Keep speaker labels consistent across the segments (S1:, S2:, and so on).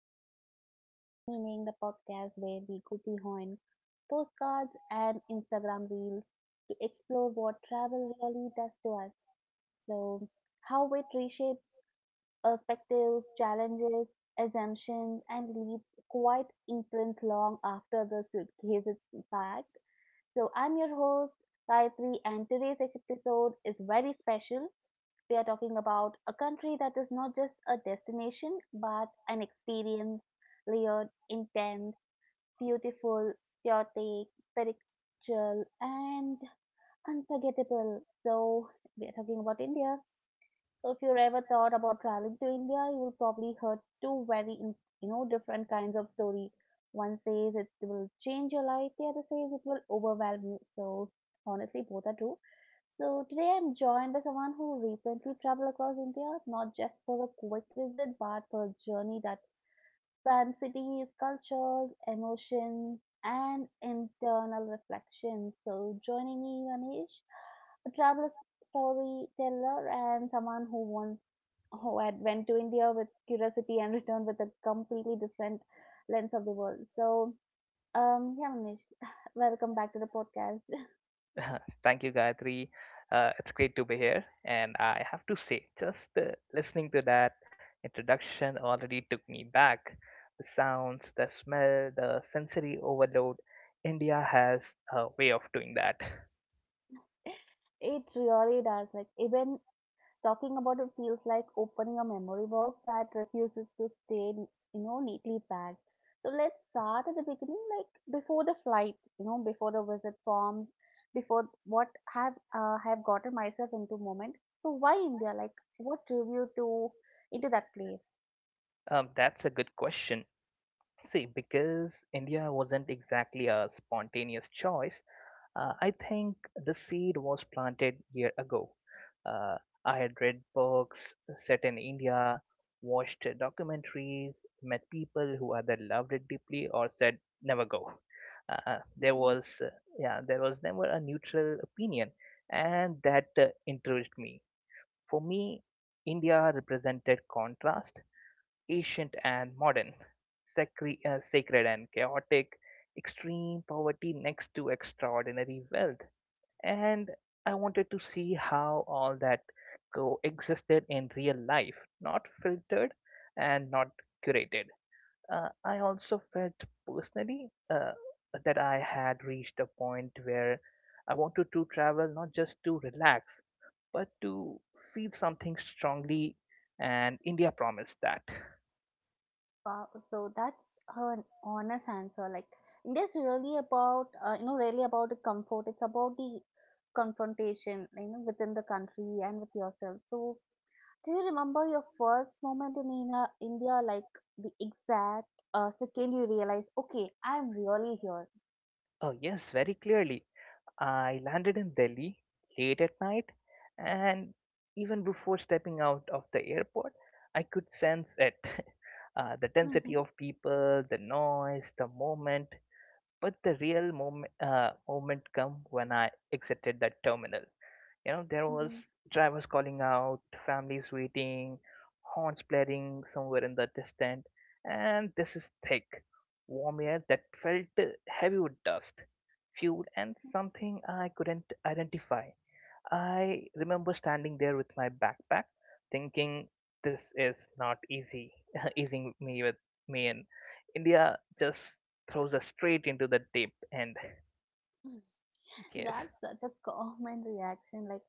S1: Miles, Masala, and Meaning, the podcast where we go behind postcards and Instagram reels to explore what travel really does to us. So, how it reshapes perspectives, challenges, assumptions, and leaves quite imprints long after the suitcase is packed. So, I'm your host, Gayatri, and today's episode is very special we are talking about a country that is not just a destination, but an experience layered, intense, beautiful, chaotic, spiritual, and unforgettable. So, we are talking about India. So if you ever thought about traveling to India, you will probably heard two very different kinds of story. One says it will change your life, the other says it will overwhelm you. So honestly, both are true. So today I'm joined by someone who recently traveled across India, not just for a quick visit, but for a journey that spans cities, cultures, emotions, and internal reflection. So joining me, Anish, a travel storyteller and someone who once who had went to India with curiosity and returned with a completely different lens of the world. So, yeah, Manish, welcome back to the podcast.
S2: Thank you, Gayatri. It's great to be here. And I have to say, just listening to that introduction already took me back. The sounds, the smell, the sensory overload. India has a way of doing that.
S1: It really does. Like even talking about it feels like opening a memory box that refuses to stay, neatly packed. So let's start at the beginning, like before the flight, you know, before the visit forms, before what have gotten myself into moment. So why India? Like what drew you to into that place?
S2: That's a good question. See, because India wasn't exactly a spontaneous choice. I think the seed was planted year ago. Uh, I had read books set in India, watched documentaries, met people who either loved it deeply or said never go. Uh, there
S1: Mhm.
S2: was uh, yeah, there was never a neutral opinion, and that encouraged me. For me, India represented contrast, ancient and modern, sacred and chaotic, extreme poverty next to extraordinary wealth, and I wanted to see how all that coexisted in real life, not filtered and not curated. I also felt personally, that I had reached a point where I wanted to travel not just to relax, but to feel something strongly, and India promised that.
S1: Wow. So that's an honest answer. Like it is really about really about the comfort. It's about the confrontation you know within the country and with yourself. So do you remember your first moment in India? Like the exact second you realize, okay, I'm really here.
S2: Oh, yes, very clearly. I landed in Delhi late at night, and even before stepping out of the airport, I could sense it. The density
S1: Mm-hmm.
S2: of people, the noise, the moment. But the real moment come when I exited that terminal. You know, there
S1: Mm-hmm.
S2: was drivers calling out, families waiting, horns blaring somewhere in the distance, and this is thick, warm air that felt heavy with dust, fuel, and something I couldn't identify. I remember standing there with my backpack, thinking this is not easy, easing me with me in India just throws us straight into the deep end. Yes,
S1: That's such a common reaction. Like,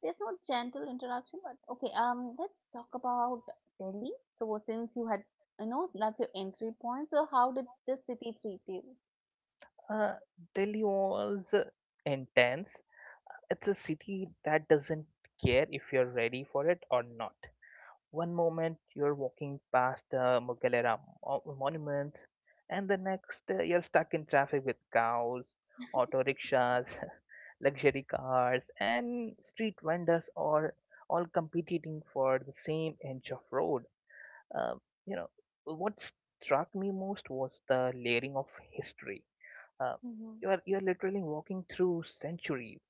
S1: there's no gentle introduction, but okay. Let's talk about Delhi. So, since you had, you know, that's your entry point. So, how did this city treat you?
S2: uh, Delhi was intense. It's a city that doesn't care if you're ready for it or not. One moment you're walking past the Mughal era monuments, and the next you're stuck in traffic with cows, auto rickshaws, luxury cars, and street vendors, or all competing for the same inch of road. Um, you know what struck me most was the layering of history. Uh,
S1: Hmm.
S2: you are literally walking through centuries.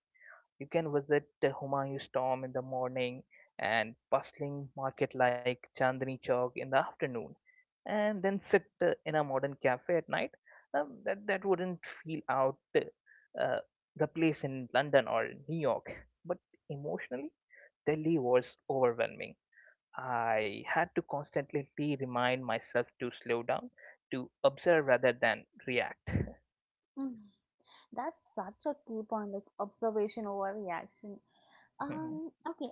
S2: You can visit the Humayun's tomb in the morning and bustling market like Chandni Chowk in the afternoon, and then sit in a modern cafe at night. That wouldn't feel out the place in London or New York. But emotionally, Delhi was overwhelming. I had to constantly remind myself to slow down, to observe rather than react.
S1: Mm, that's such a key point, like observation over reaction.
S2: Mhm.
S1: Okay,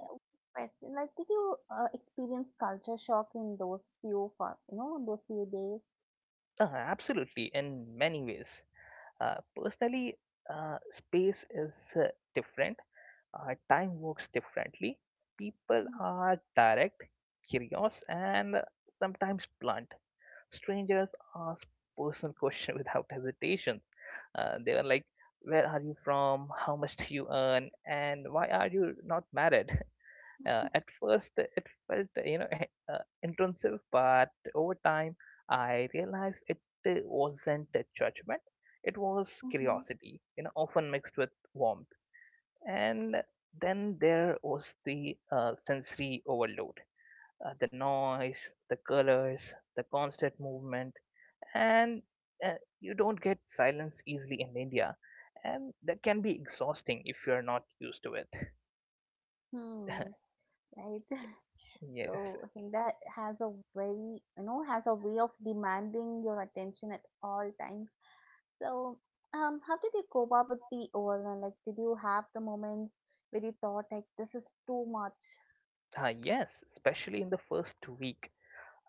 S1: question. Like, did you experience culture shock in those few, fir- you know, those few days?
S2: Uh, absolutely, in many ways. Personally, space is different. Time works differently. People
S1: Mm-hmm.
S2: are direct, curious, and sometimes blunt. Strangers ask personal questions without hesitation. They were like, "Where are you from? How much do you earn? And why are you not married?" At first, it felt you know intrusive, but over time, I realized it wasn't a judgment; it was
S1: Mm-hmm.
S2: curiosity, you know, often mixed with warmth. And then there was the sensory overload: the noise, the colors, the constant movement, and uh, you don't get silence easily in India, and that can be exhausting if you're not used to it.
S1: Hmm. Right.
S2: Yes.
S1: So Hinda has a very, you know, has a way of demanding your attention at all times. So, how did you cope up with the overwhelm? Like, did you have the moments where you thought like this is too much?
S2: Yes, especially in the first week.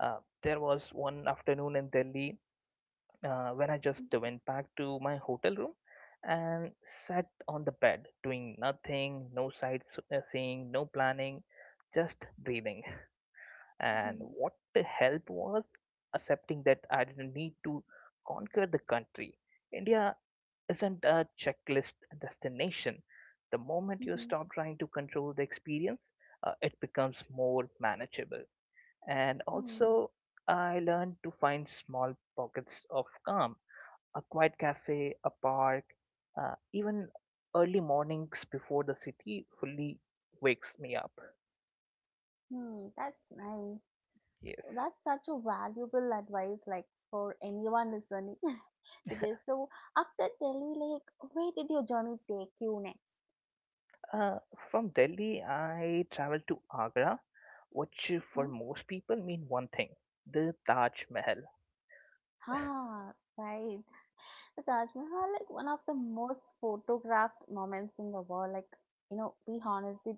S2: There was one afternoon in Delhi when I just went back to my hotel room and sat on the bed doing nothing, no sightseeing, no planning, just breathing. And
S1: Mm-hmm.
S2: what the help was accepting that I didn't need to conquer the country. India isn't a checklist destination. The moment you
S1: Mm-hmm.
S2: stop trying to control the experience, it becomes more manageable. And
S1: Mm-hmm.
S2: also, I learned to find small pockets of calm, a quiet cafe, a park, even early mornings before the city fully wakes me up.
S1: Hmm, that's nice. So
S2: Yes.
S1: that's such a valuable advice, like for anyone listening to this. So after Delhi, like where did your journey take you next?
S2: Uh, from Delhi, I traveled to Agra, which
S1: Hmm?
S2: for most people mean one thing, the Taj Mahal.
S1: Ah, right. The Taj Mahal, like one of the most photographed moments in the world. Like you know, be honest,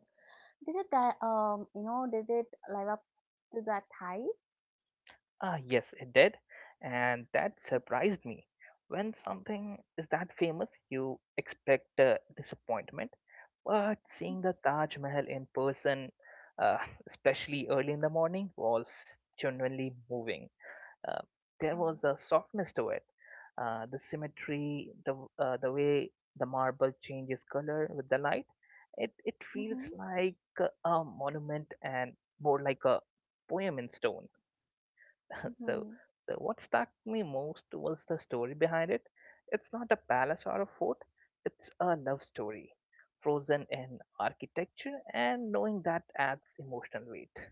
S1: did it di- you know did it live up to that hype?
S2: Ah, yes, it did. And that surprised me. When something is that famous, you expect disappointment. But seeing the Taj Mahal in person, uh, especially early in the morning, was genuinely moving. Uh, there
S1: Oh.
S2: was a softness to it. The symmetry, the way the marble changes color with the light, it feels
S1: Mm-hmm.
S2: like a monument and more like a poem in stone. so,
S1: Mm-hmm.
S2: so what struck me most was the story behind it. It's not a palace or a fort, it's a love story, frozen in architecture, and knowing that adds emotional weight.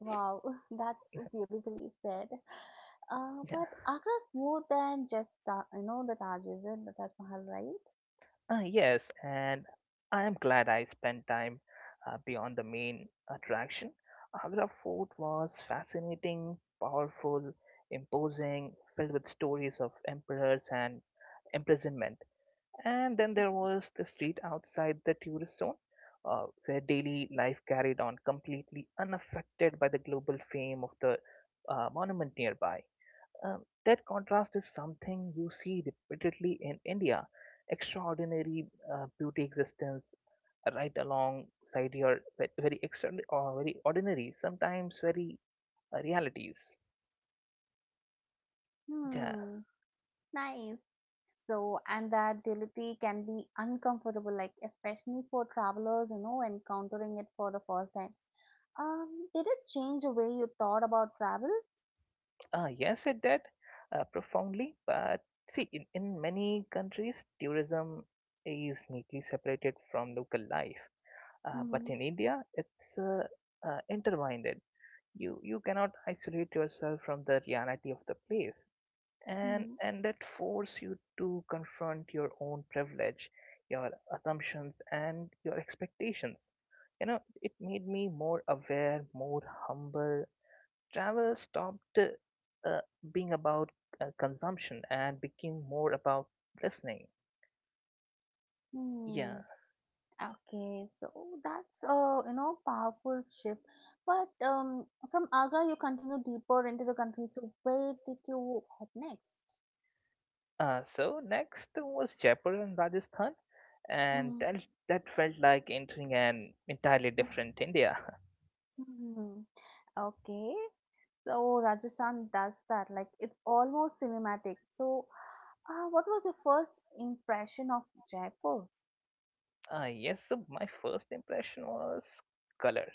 S1: Wow, that's beautifully said.
S2: Yeah.
S1: But Agra's more than just the, you know the Taj, is it? The Taj Mahal, right?
S2: Ah, yes, and I am glad I spent time beyond the main attraction. Agra Fort was fascinating, powerful, imposing, filled with stories of emperors and imprisonment. And then there was the street outside the tourist zone, where daily life carried on completely unaffected by the global fame of the monument nearby. That contrast is something you see repeatedly in India. Extraordinary beauty existence right alongside your very extra or very ordinary, sometimes very realities. Yeah.
S1: Hmm, nice. So, and that duality can be uncomfortable, like especially for travelers, you know, encountering it for the first time. Did it change the way you thought about travel?
S2: Yes, it did profoundly. But see, in many countries, tourism is neatly separated from local life. But
S1: Mm-hmm.
S2: in India, it's intertwined. You cannot isolate yourself from the reality of the place, and
S1: Mm-hmm.
S2: that force you to confront your own privilege, your assumptions, and your expectations. You know, it made me more aware, more humble, travel stopped being about consumption and became more about listening. Yeah.
S1: Mm-hmm. Okay, so that's a you know powerful shift. But from Agra, you continue deeper into the country. So where did you head next?
S2: So next was Jaipur and Rajasthan, and
S1: Mhm,
S2: that felt like entering an entirely
S1: mhm.
S2: different India.
S1: Hmm. Okay, so Rajasthan does that. Like it's almost cinematic. So, what was your first impression of Jaipur?
S2: Yes, so my first impression was color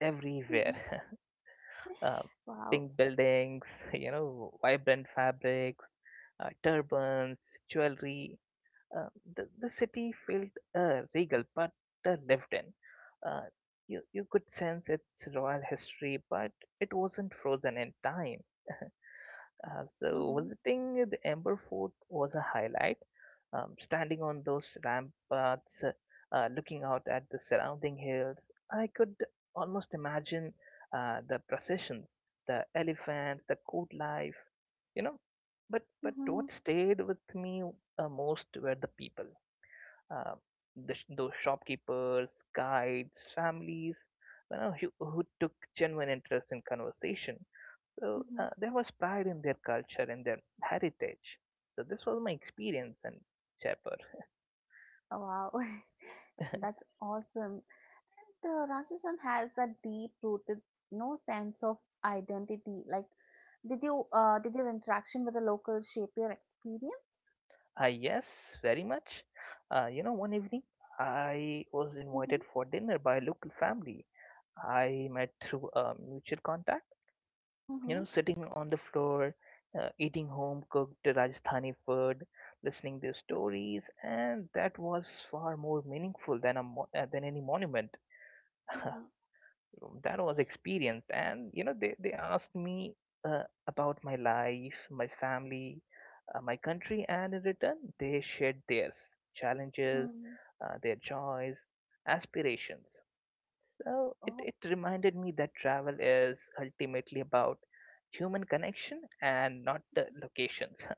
S2: everywhere.
S1: Mhm,
S2: uh,
S1: wow.
S2: pink buildings, you know, vibrant fabrics, turbans, jewelry. Uh, the city felt regal but lived in. Uh, you could sense its royal history, but it wasn't frozen in time. So,
S1: Mhm,
S2: visiting the Amber Fort was a highlight. Standing on those ramparts, looking out at the surrounding hills, I could almost imagine the procession, the elephants, the court life, you know. But
S1: mhm,
S2: what stayed with me most were the people, uh, those shopkeepers, guides, families, you know, who took genuine interest in conversation. So
S1: mhm.
S2: there was pride in their culture and their heritage. So this was my experience in Jaipur.
S1: Wow, that's awesome. The Rajasthan has that deep-rooted no sense of identity. Like, did your interaction with the locals shape your experience?
S2: Yes, very much. You know, one evening I was
S1: Mm-hmm,
S2: invited for dinner by a local family I met through a mutual contact, you
S1: mm-hmm,
S2: know, sitting on the floor, eating home cooked Rajasthani food, listening to stories, and that was far more meaningful than than any monument.
S1: mm-hmm.
S2: That was experience, and you know, they asked me about my life, my family, my country, and in return, they shared theirs, challenges,
S1: Hmm.
S2: their joys, aspirations. So it,
S1: Oh,
S2: it reminded me that travel is ultimately about human connection and not the locations.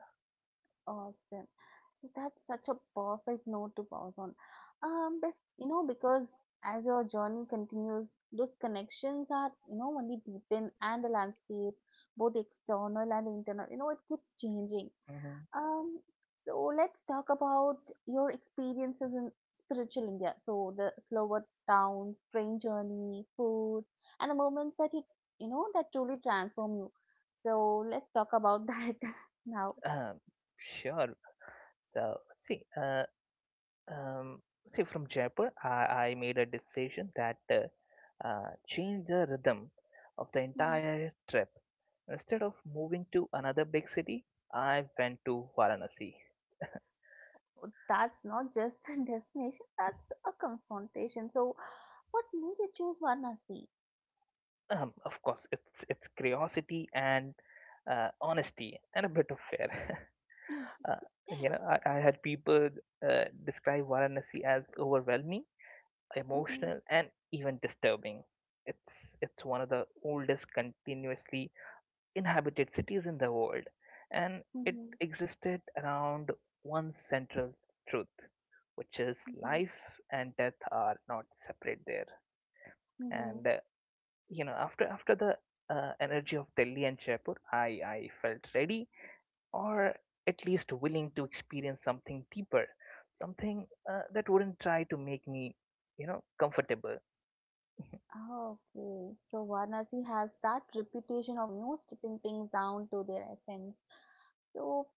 S1: awesome. So that's such a perfect note to pause on. Um, bef because as your journey continues, those connections are, you know, only deepen and the landscape, both the external and the internal, you know, it keeps changing.
S2: Mhm.
S1: Um, so let's talk about your experiences in spiritual India. So the slower towns, train journey, food, and the moments that that truly transform you. So let's talk about that now.
S2: Um, sure. So see, Um, from Jaipur, I made a decision that changed the rhythm of the
S1: Mhm.
S2: entire trip. Instead of moving to another big city, I went to Varanasi.
S1: That's not just a destination, that's a confrontation. So what made you choose Varanasi?
S2: Of course, it's curiosity and honesty and a bit of fear. uh, you know, I had people describe Varanasi as overwhelming,
S1: Mhm,
S2: emotional, and even disturbing. It's one of the oldest continuously inhabited cities in the world, and it
S1: mhm,
S2: existed around one central truth, which is
S1: mhm, mhm,
S2: life and death are not separate there.
S1: mhm.
S2: And you know, after the energy of Delhi and Jaipur, I felt ready, or at least willing to experience something deeper, something that wouldn't try to make me, you know, comfortable.
S1: Ah, okay, so Varanasi has that reputation of you know stripping things down to their essence. So,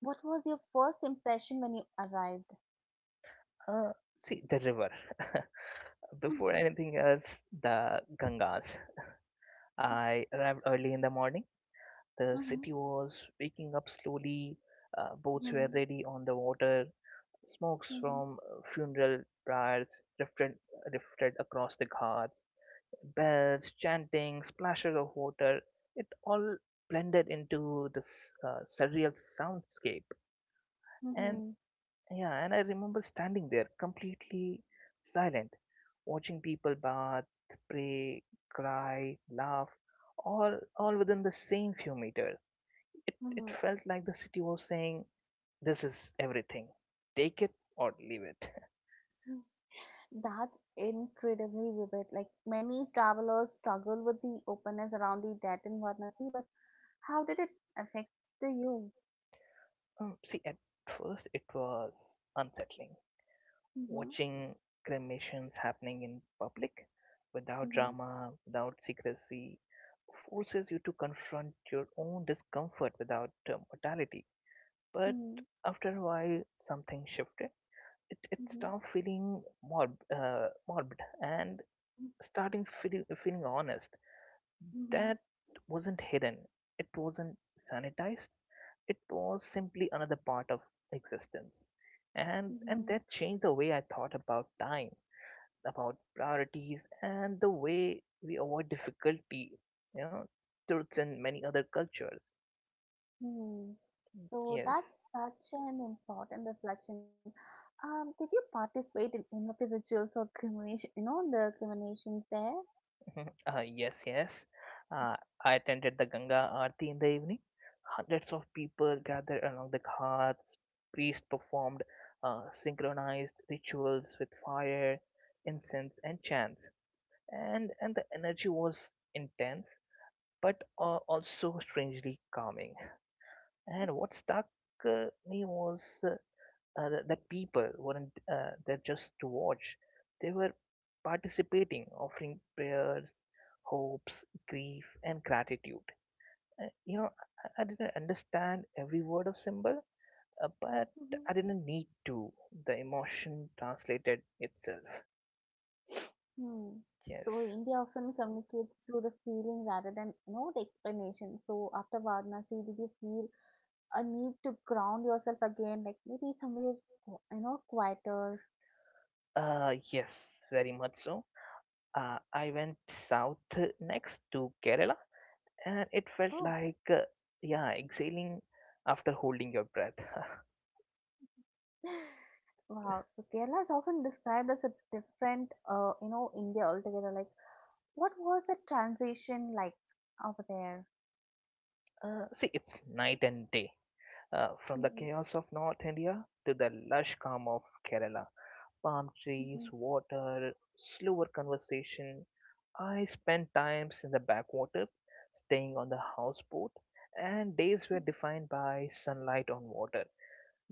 S1: what was your first impression when you arrived?
S2: See the river.
S1: Mm-hmm.
S2: Before anything else, the Gangas. I arrived early in the morning. The
S1: Mm-hmm.
S2: city was waking up slowly. Boats were ready on the water. Smokes
S1: Mm-hmm.
S2: from funeral pyres drifted, drifted across the ghats. Bells, chanting, splashes of water, it all blended into this surreal soundscape. And
S1: Mm-hmm.
S2: yeah, and I remember standing there completely silent, watching people bath, pray, cry, laugh, all within the same few meters. It
S1: Mm-hmm.
S2: felt like the city was saying, this is everything. Take it or leave it.
S1: That's incredibly vivid. Like many travelers struggle with the openness around the death in Varanasi, but how did it affect you?
S2: See, at first it was unsettling,
S1: Mm-hmm.
S2: watching cremations happening in public without
S1: Mm-hmm.
S2: drama, without secrecy, forces you to confront your own discomfort without mortality. But
S1: Mm-hmm.
S2: after a while, something shifted. It
S1: Mm-hmm.
S2: stopped feeling morbid and starting feeling, feeling honest. That wasn't hidden, it wasn't sanitized, it was simply another part of existence. And
S1: Mm-hmm.
S2: that changed the way I thought about time, about priorities and the way we avoid difficulty, you know, truths in many other cultures.
S1: Hmm. So
S2: Yes.
S1: that's such an important reflection. Did you participate in any of the rituals or cremation, you know, the cremations there?
S2: Yes, yes. Uh, I attended the Ganga Aarti in the evening. Hundreds of people gathered along the ghats. Priests performed synchronized rituals with fire, incense, and chants. And the energy was intense, but also strangely calming. And what stuck me was that people weren't there just to watch. They were participating, offering prayers, hopes, grief, and gratitude. Uh, you know, I didn't understand every word of symbol, but
S1: Mhm.
S2: I didn't need to. The emotion translated itself.
S1: Hmm.
S2: Yes.
S1: So India often communicates through the feeling rather than you know the explanation. So after Varanasi, did you feel a need to ground yourself again, like maybe somewhere quieter?
S2: Yes, very much so. I went south next to Kerala, and it felt
S1: Oh,
S2: like, yeah, exhaling after holding your breath.
S1: wow. So Kerala is often described as a different, India altogether. Like, what was the transition like over there?
S2: See, it's night and day. From the
S1: Mm-hmm.
S2: chaos of North India to the lush calm of Kerala. Palm trees,
S1: Mm-hmm.
S2: water, slower conversation. I spent times in the backwater, staying on the houseboat, and days were defined by sunlight on water.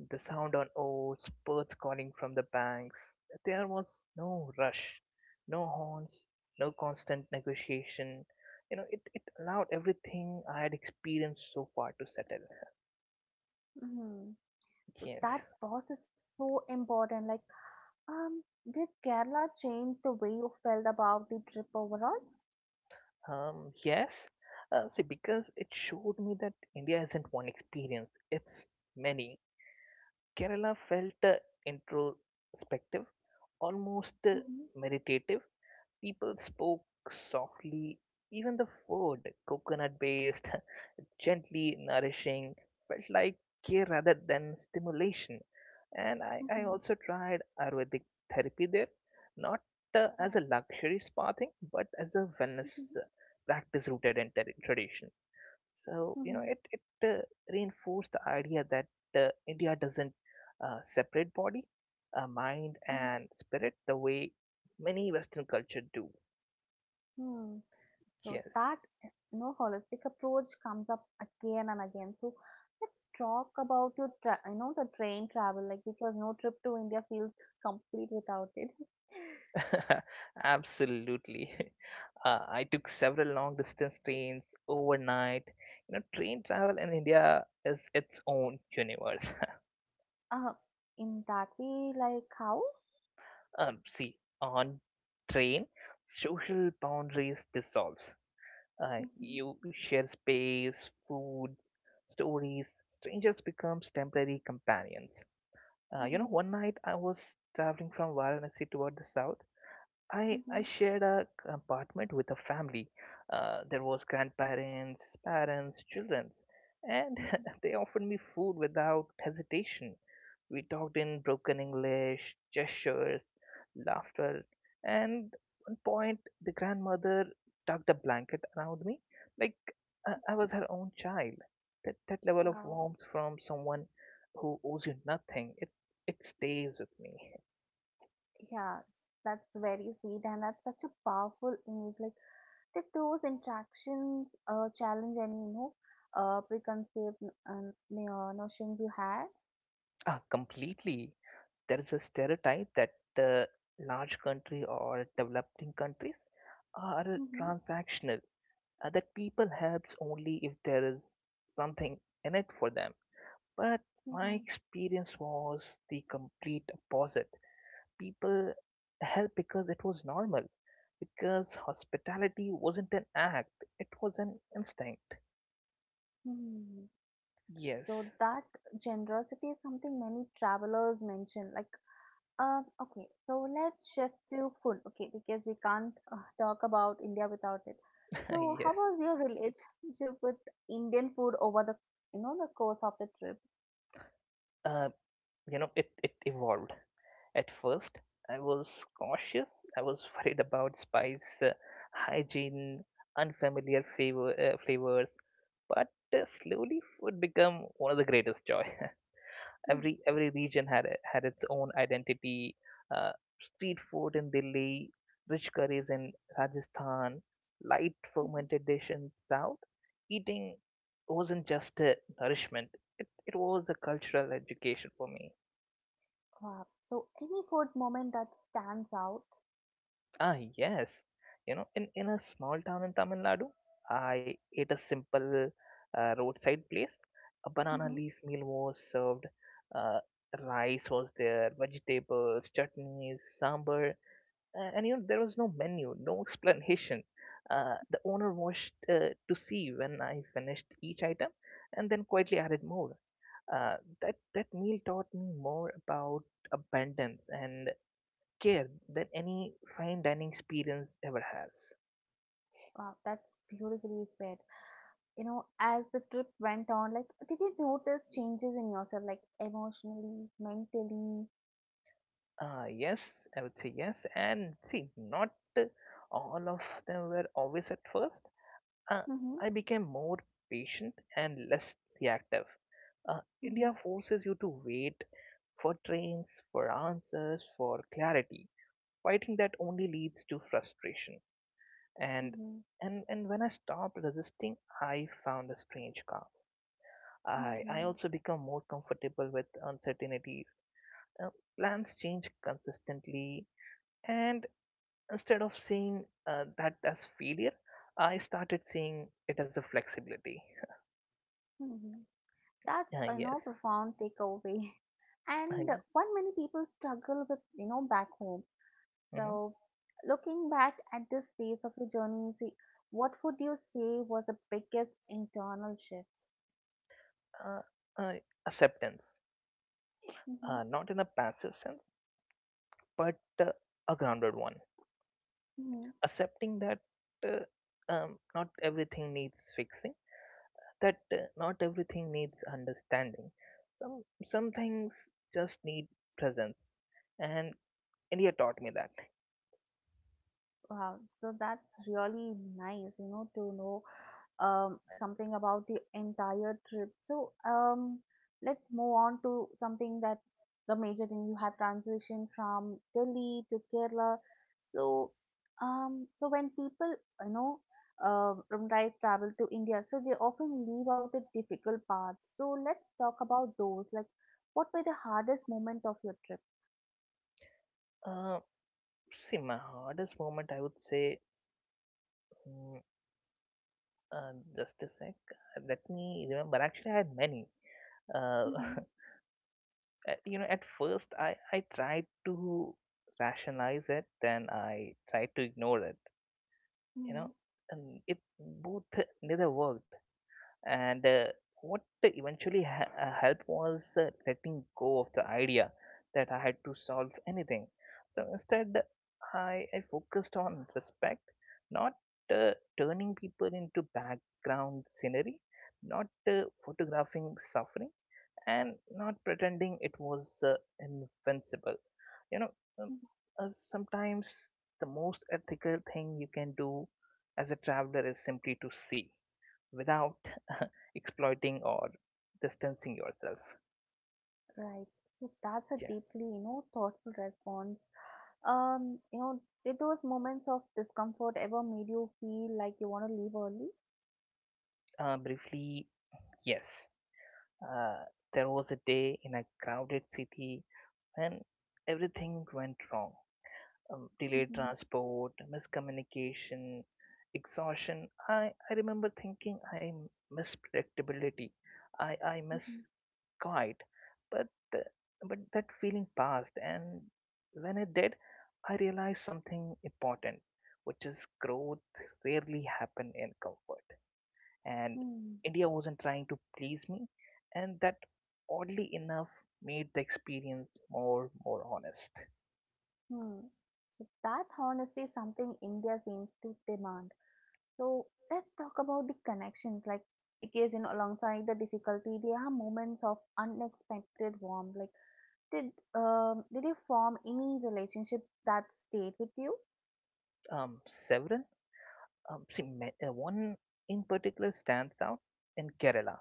S2: The sound on oars, birds calling from the banks. There was no rush, no horns, no constant negotiation. It allowed everything I had experienced so far to settle.
S1: Mm-hmm. Mm-hmm. So
S2: Yes.
S1: that pause is so important. Like um, did Kerala change the way you felt about the trip overall?
S2: Yes. See, because it showed me that India isn't one experience, it's many. Kerala felt introspective, almost
S1: Mhm,
S2: meditative. People spoke softly. Even the food, coconut based, gently nourishing, felt like care rather than stimulation. And I
S1: mhm,
S2: also tried Ayurvedic therapy there, not as a
S1: wow.
S2: luxury spa thing, but as a
S1: Mhm,
S2: wellness practice rooted in tradition. So, you know,
S1: mhm,
S2: it, it uh, reinforced the idea that India doesn't separate body, mind,
S1: mhm.
S2: and spirit the way many Western culture do.
S1: Hmm. So
S2: Yes,
S1: that you know holistic approach comes up again and again. So let's talk about your the train travel like because no trip to India feels complete without it.
S2: absolutely. I took several long distance trains overnight. You know, train travel in India is its own universe.
S1: Uh, in that way, like how?
S2: See, on train, social boundaries dissolves. Uh,
S1: Mhm,
S2: you share space, food, stories. Strangers becomes temporary companions.
S1: mhm,
S2: One night I was traveling from Varanasi toward the south. I
S1: mhm,
S2: shared a apartment with a family. There was grandparents, parents, children, and
S1: mhm.
S2: they offered me food without hesitation. We talked in broken English, gestures, laughter, and one point the grandmother tucked a blanket around me like I was her own child. That level of
S1: Wow.
S2: warmth from someone who owes you nothing, it stays with me.
S1: Yeah, that's very sweet, and that's such a powerful image. Like that, those interactions challenge any you know preconceived notions you had.
S2: Ah, completely. There is a stereotype that uh, large country or developing countries are
S1: Mm-hmm,
S2: transactional, that people helps only if there is something in it for them. But my
S1: mm-hmm,
S2: experience was the complete opposite. People help because it was normal, because hospitality wasn't an act; it was an instinct.
S1: hmm.
S2: Yes,
S1: So that generosity is something many travelers mention. Like, um, okay, so let's shift to food. Okay, because we can't talk about India without it. So, how
S2: yes.
S1: was your relationship with Indian food over the you know the course of the trip?
S2: Uh, it evolved. At first, I was cautious. I was worried about spice, hygiene, unfamiliar flavors. But slowly, food became one of the greatest joy. Every region had had its own identity. Uh, Street food in Delhi, rich curries in Rajasthan, light fermented dish in South. Eating wasn't just a nourishment; it was a cultural education for me.
S1: Wow. So, any food moment that stands out?
S2: Ah, yes, you know, in a small town in Tamil Nadu, I ate a simple roadside place. A banana
S1: Hmm.
S2: leaf meal was served. Uh, Rice was there, vegetables, chutneys, sambar. There was no menu, no explanation. The owner watched to see when I finished each item, and then quietly added more. That meal taught me more about abundance and care than any fine dining experience ever has.
S1: Wow, that's beautifully said. You know, as the trip went on, like, did you notice changes in yourself, like emotionally, mentally?
S2: Yes, I would say yes. And see, not uh, all of them were obvious at first. Uh,
S1: Hmm.
S2: I became more patient and less reactive. India
S1: Mm-hmm,
S2: forces you to wait for trains, for answers, for clarity. Fighting that only leads to frustration. And
S1: mm-hmm,
S2: and when I stopped resisting, I found a strange calm. I
S1: mm-hmm,
S2: also become more comfortable with uncertainties. Uh, Plans change consistently, and instead of seeing that as failure, I started seeing it as a flexibility.
S1: mm-hmm. That's a you
S2: Yes.
S1: know, profound takeaway, and
S2: Uh,
S1: one many people struggle with you know back home.
S2: mhm.
S1: So, looking back at this phase of your journey, see, what would you say was the biggest internal shift?
S2: Uh, uh, acceptance.
S1: Mm-hmm.
S2: Not in a passive sense, but a grounded one.
S1: Mhm.
S2: Accepting that uh, not everything needs fixing, that not everything needs understanding. Some things just need presence, and India taught me that.
S1: Wow, so that's really nice, you know, to know something about the entire trip. So, let's move on to something that the major thing you have transitioned from Delhi to Kerala. So, so when people, you know, Ramrais travel to India, so they often leave out the difficult parts. So let's talk about those. Like, what were the hardest moment of your trip?
S2: Uh, See, my hardest moment, I would say, mm, just a sec. Let me remember. Actually, I had many. Uh,
S1: Mm-hmm.
S2: at- you know, At first, I tried to rationalize it, then I tried to ignore it, you know,
S1: Mm-hmm.
S2: and it both neither worked, and what eventually helped was letting go of the idea that I had to solve anything. So instead I focused on respect, not uh, turning people into background scenery, not photographing suffering, and not pretending it was invincible. You know, um, Sometimes the most ethical thing you can do as a traveler is simply to see without exploiting or distancing yourself.
S1: Right. So that's a
S2: Yeah.
S1: deeply, you know, thoughtful response. You know, did those moments of discomfort ever made you feel like you want to leave early?
S2: Briefly, yes. uh, there was a day in a crowded city when everything went wrong. Delayed
S1: Mm-hmm.
S2: transport, miscommunication, exhaustion. I remember thinking I miss predictability, I miss
S1: Mm-hmm.
S2: quiet, but the, but that feeling passed, and when it did, I realized something important, which is growth rarely happen in comfort. And
S1: Hmm.
S2: India wasn't trying to please me, and that oddly enough made the experience more honest.
S1: Hmm. So that honesty is something India seems to demand. So let's talk about the connections, like because you know, alongside the difficulty, there are moments of unexpected warmth. Like, did you form any relationship that stayed with you?
S2: Um, Severin. One in particular stands out in Kerala.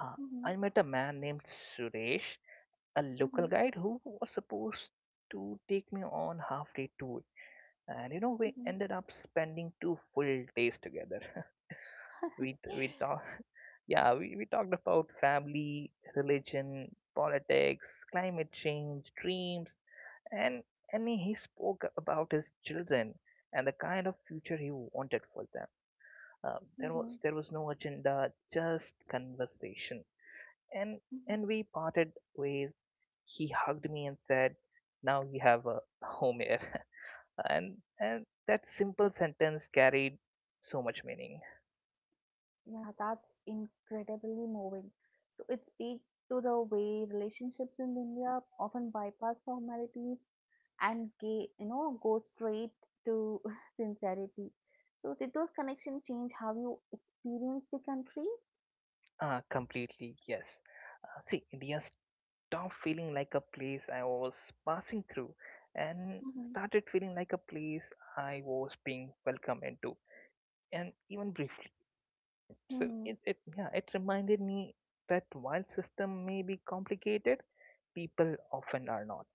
S2: Uh,
S1: Mm-hmm.
S2: I met a man named Suresh, a
S1: Mm-hmm.
S2: local guide who was supposed to take me on half day tour. And you know, we ended up spending two full days together.
S1: Mm-hmm.
S2: we we talked, yeah, we talked about family, religion, politics, climate change, dreams, and he spoke about his children and the kind of future he wanted for them. uh, there
S1: Mhm.
S2: was there was no agenda, just conversation. And
S1: Mhm.
S2: and we parted ways. He hugged me and said, "Now you have a home here." And that simple sentence carried so much meaning.
S1: Yeah, that's incredibly moving. So it speaks to the way relationships in India often bypass formalities and ga you know go straight to sincerity. So did those connections change how you experience the country?
S2: Completely yes. See, India stopped feeling like a place I was passing through, and
S1: Hmm.
S2: started feeling like a place I was being welcomed into. And even briefly, So
S1: Mm-hmm.
S2: it, it yeah, it reminded me that while system may be complicated, people often are not.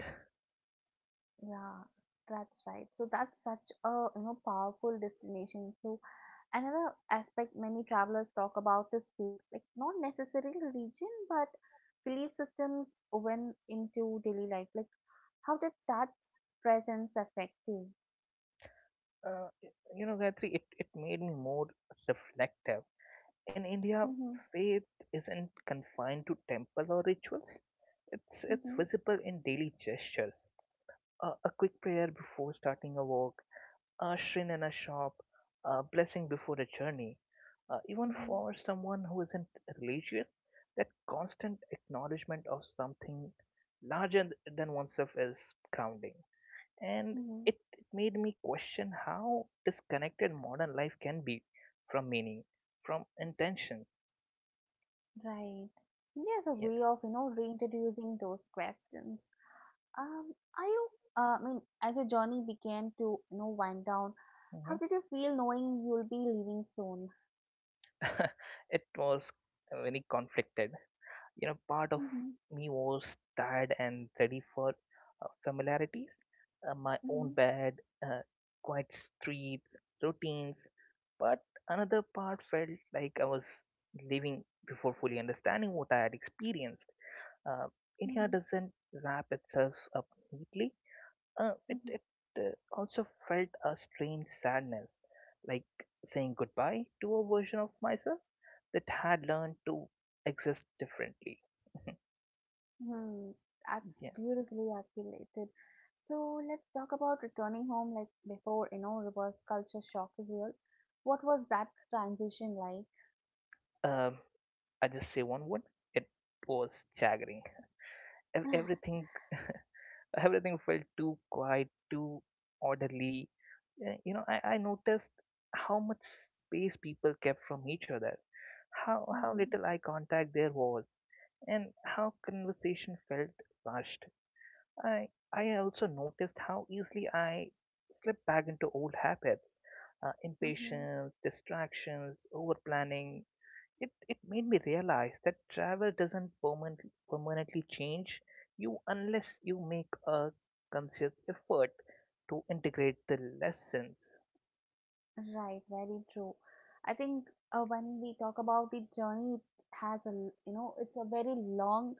S1: Yeah, that's right. So that's such a you know powerful destination. So another aspect many travelers talk about is faith, like not necessarily religion, but belief systems woven into daily life, like how did that presence affect you?
S2: Uh, Gayatri, it made me more reflective. In India,
S1: Mm-hmm,
S2: faith isn't confined to temple or rituals. It's
S1: mm-hmm,
S2: visible in daily gestures. A quick prayer before starting a walk, a shrine in a shop, a blessing before a journey. Even
S1: mm-hmm,
S2: for someone who isn't religious, that constant acknowledgement of something larger than oneself is grounding. And
S1: mm-hmm.
S2: it made me question how disconnected modern life can be from meaning, from intention.
S1: Right. There's a
S2: Yes.
S1: way of, you know, reintroducing those questions. Um, are you, I mean, as your journey began to, you know, wind down, how
S2: Hmm.
S1: did you feel knowing you'll be leaving soon?
S2: it was very conflicted. You know, part of
S1: Mm-hmm,
S2: me was tired and ready for familiarity, my
S1: mm-hmm,
S2: own bed, uh, quiet streets, routines, but another part felt like I was living before fully understanding what I had experienced. uh, India
S1: mm-hmm,
S2: doesn't wrap itself up neatly. It,
S1: mm-hmm.
S2: it uh, Also felt a strange sadness, like saying goodbye to a version of myself that had learned to exist differently.
S1: Hmm, that's
S2: Yeah.
S1: beautifully articulated. So let's talk about returning home like before, you know, reverse culture shock is real. What was that transition like?
S2: Um, I just say one word. It was staggering. Everything, everything felt too quiet, too orderly. I noticed how much space people kept from each other, how
S1: Mm-hmm.
S2: little eye contact there was, and how conversation felt rushed. I I also noticed how easily I slipped back into old habits,
S1: Mm-hmm.
S2: impatience, distractions, over planning. It made me realize that travel doesn't permanently change you unless you make a conscious effort to integrate the lessons.
S1: Right, very true. I think when we talk about the journey, it has a, it's a very long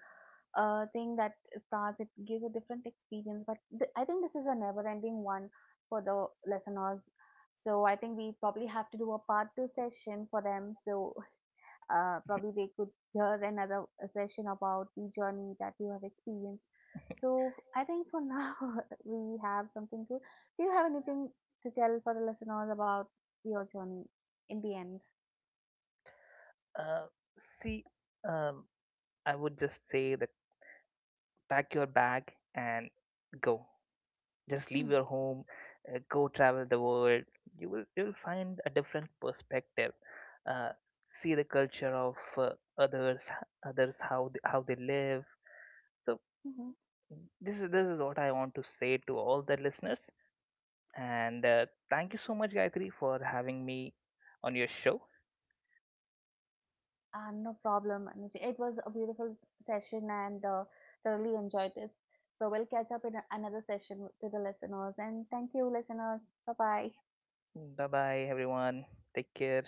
S1: thing that starts, it gives a different experience. But I think this is a never ending one for the listeners. So I think we probably have to do a part two session for them. So probably we could hear another session about the journey that you have experienced. So I think for now we have something to. Do you have anything to tell for the listeners about your journey in the end?
S2: Uh, see, um, I would just say that pack your bag and go. Just leave your home, go travel the world. You will find a different perspective. Uh, See the culture of others, others, how they live. So
S1: Mm-hmm.
S2: this is what I want to say to all the listeners. And thank you so much, Gayatri, for having me on your show.
S1: No problem. Anushka. It was a beautiful session and thoroughly enjoyed this. So we'll catch up in another session to the listeners. And thank you, listeners. Bye bye.
S2: Bye bye, everyone. Take care.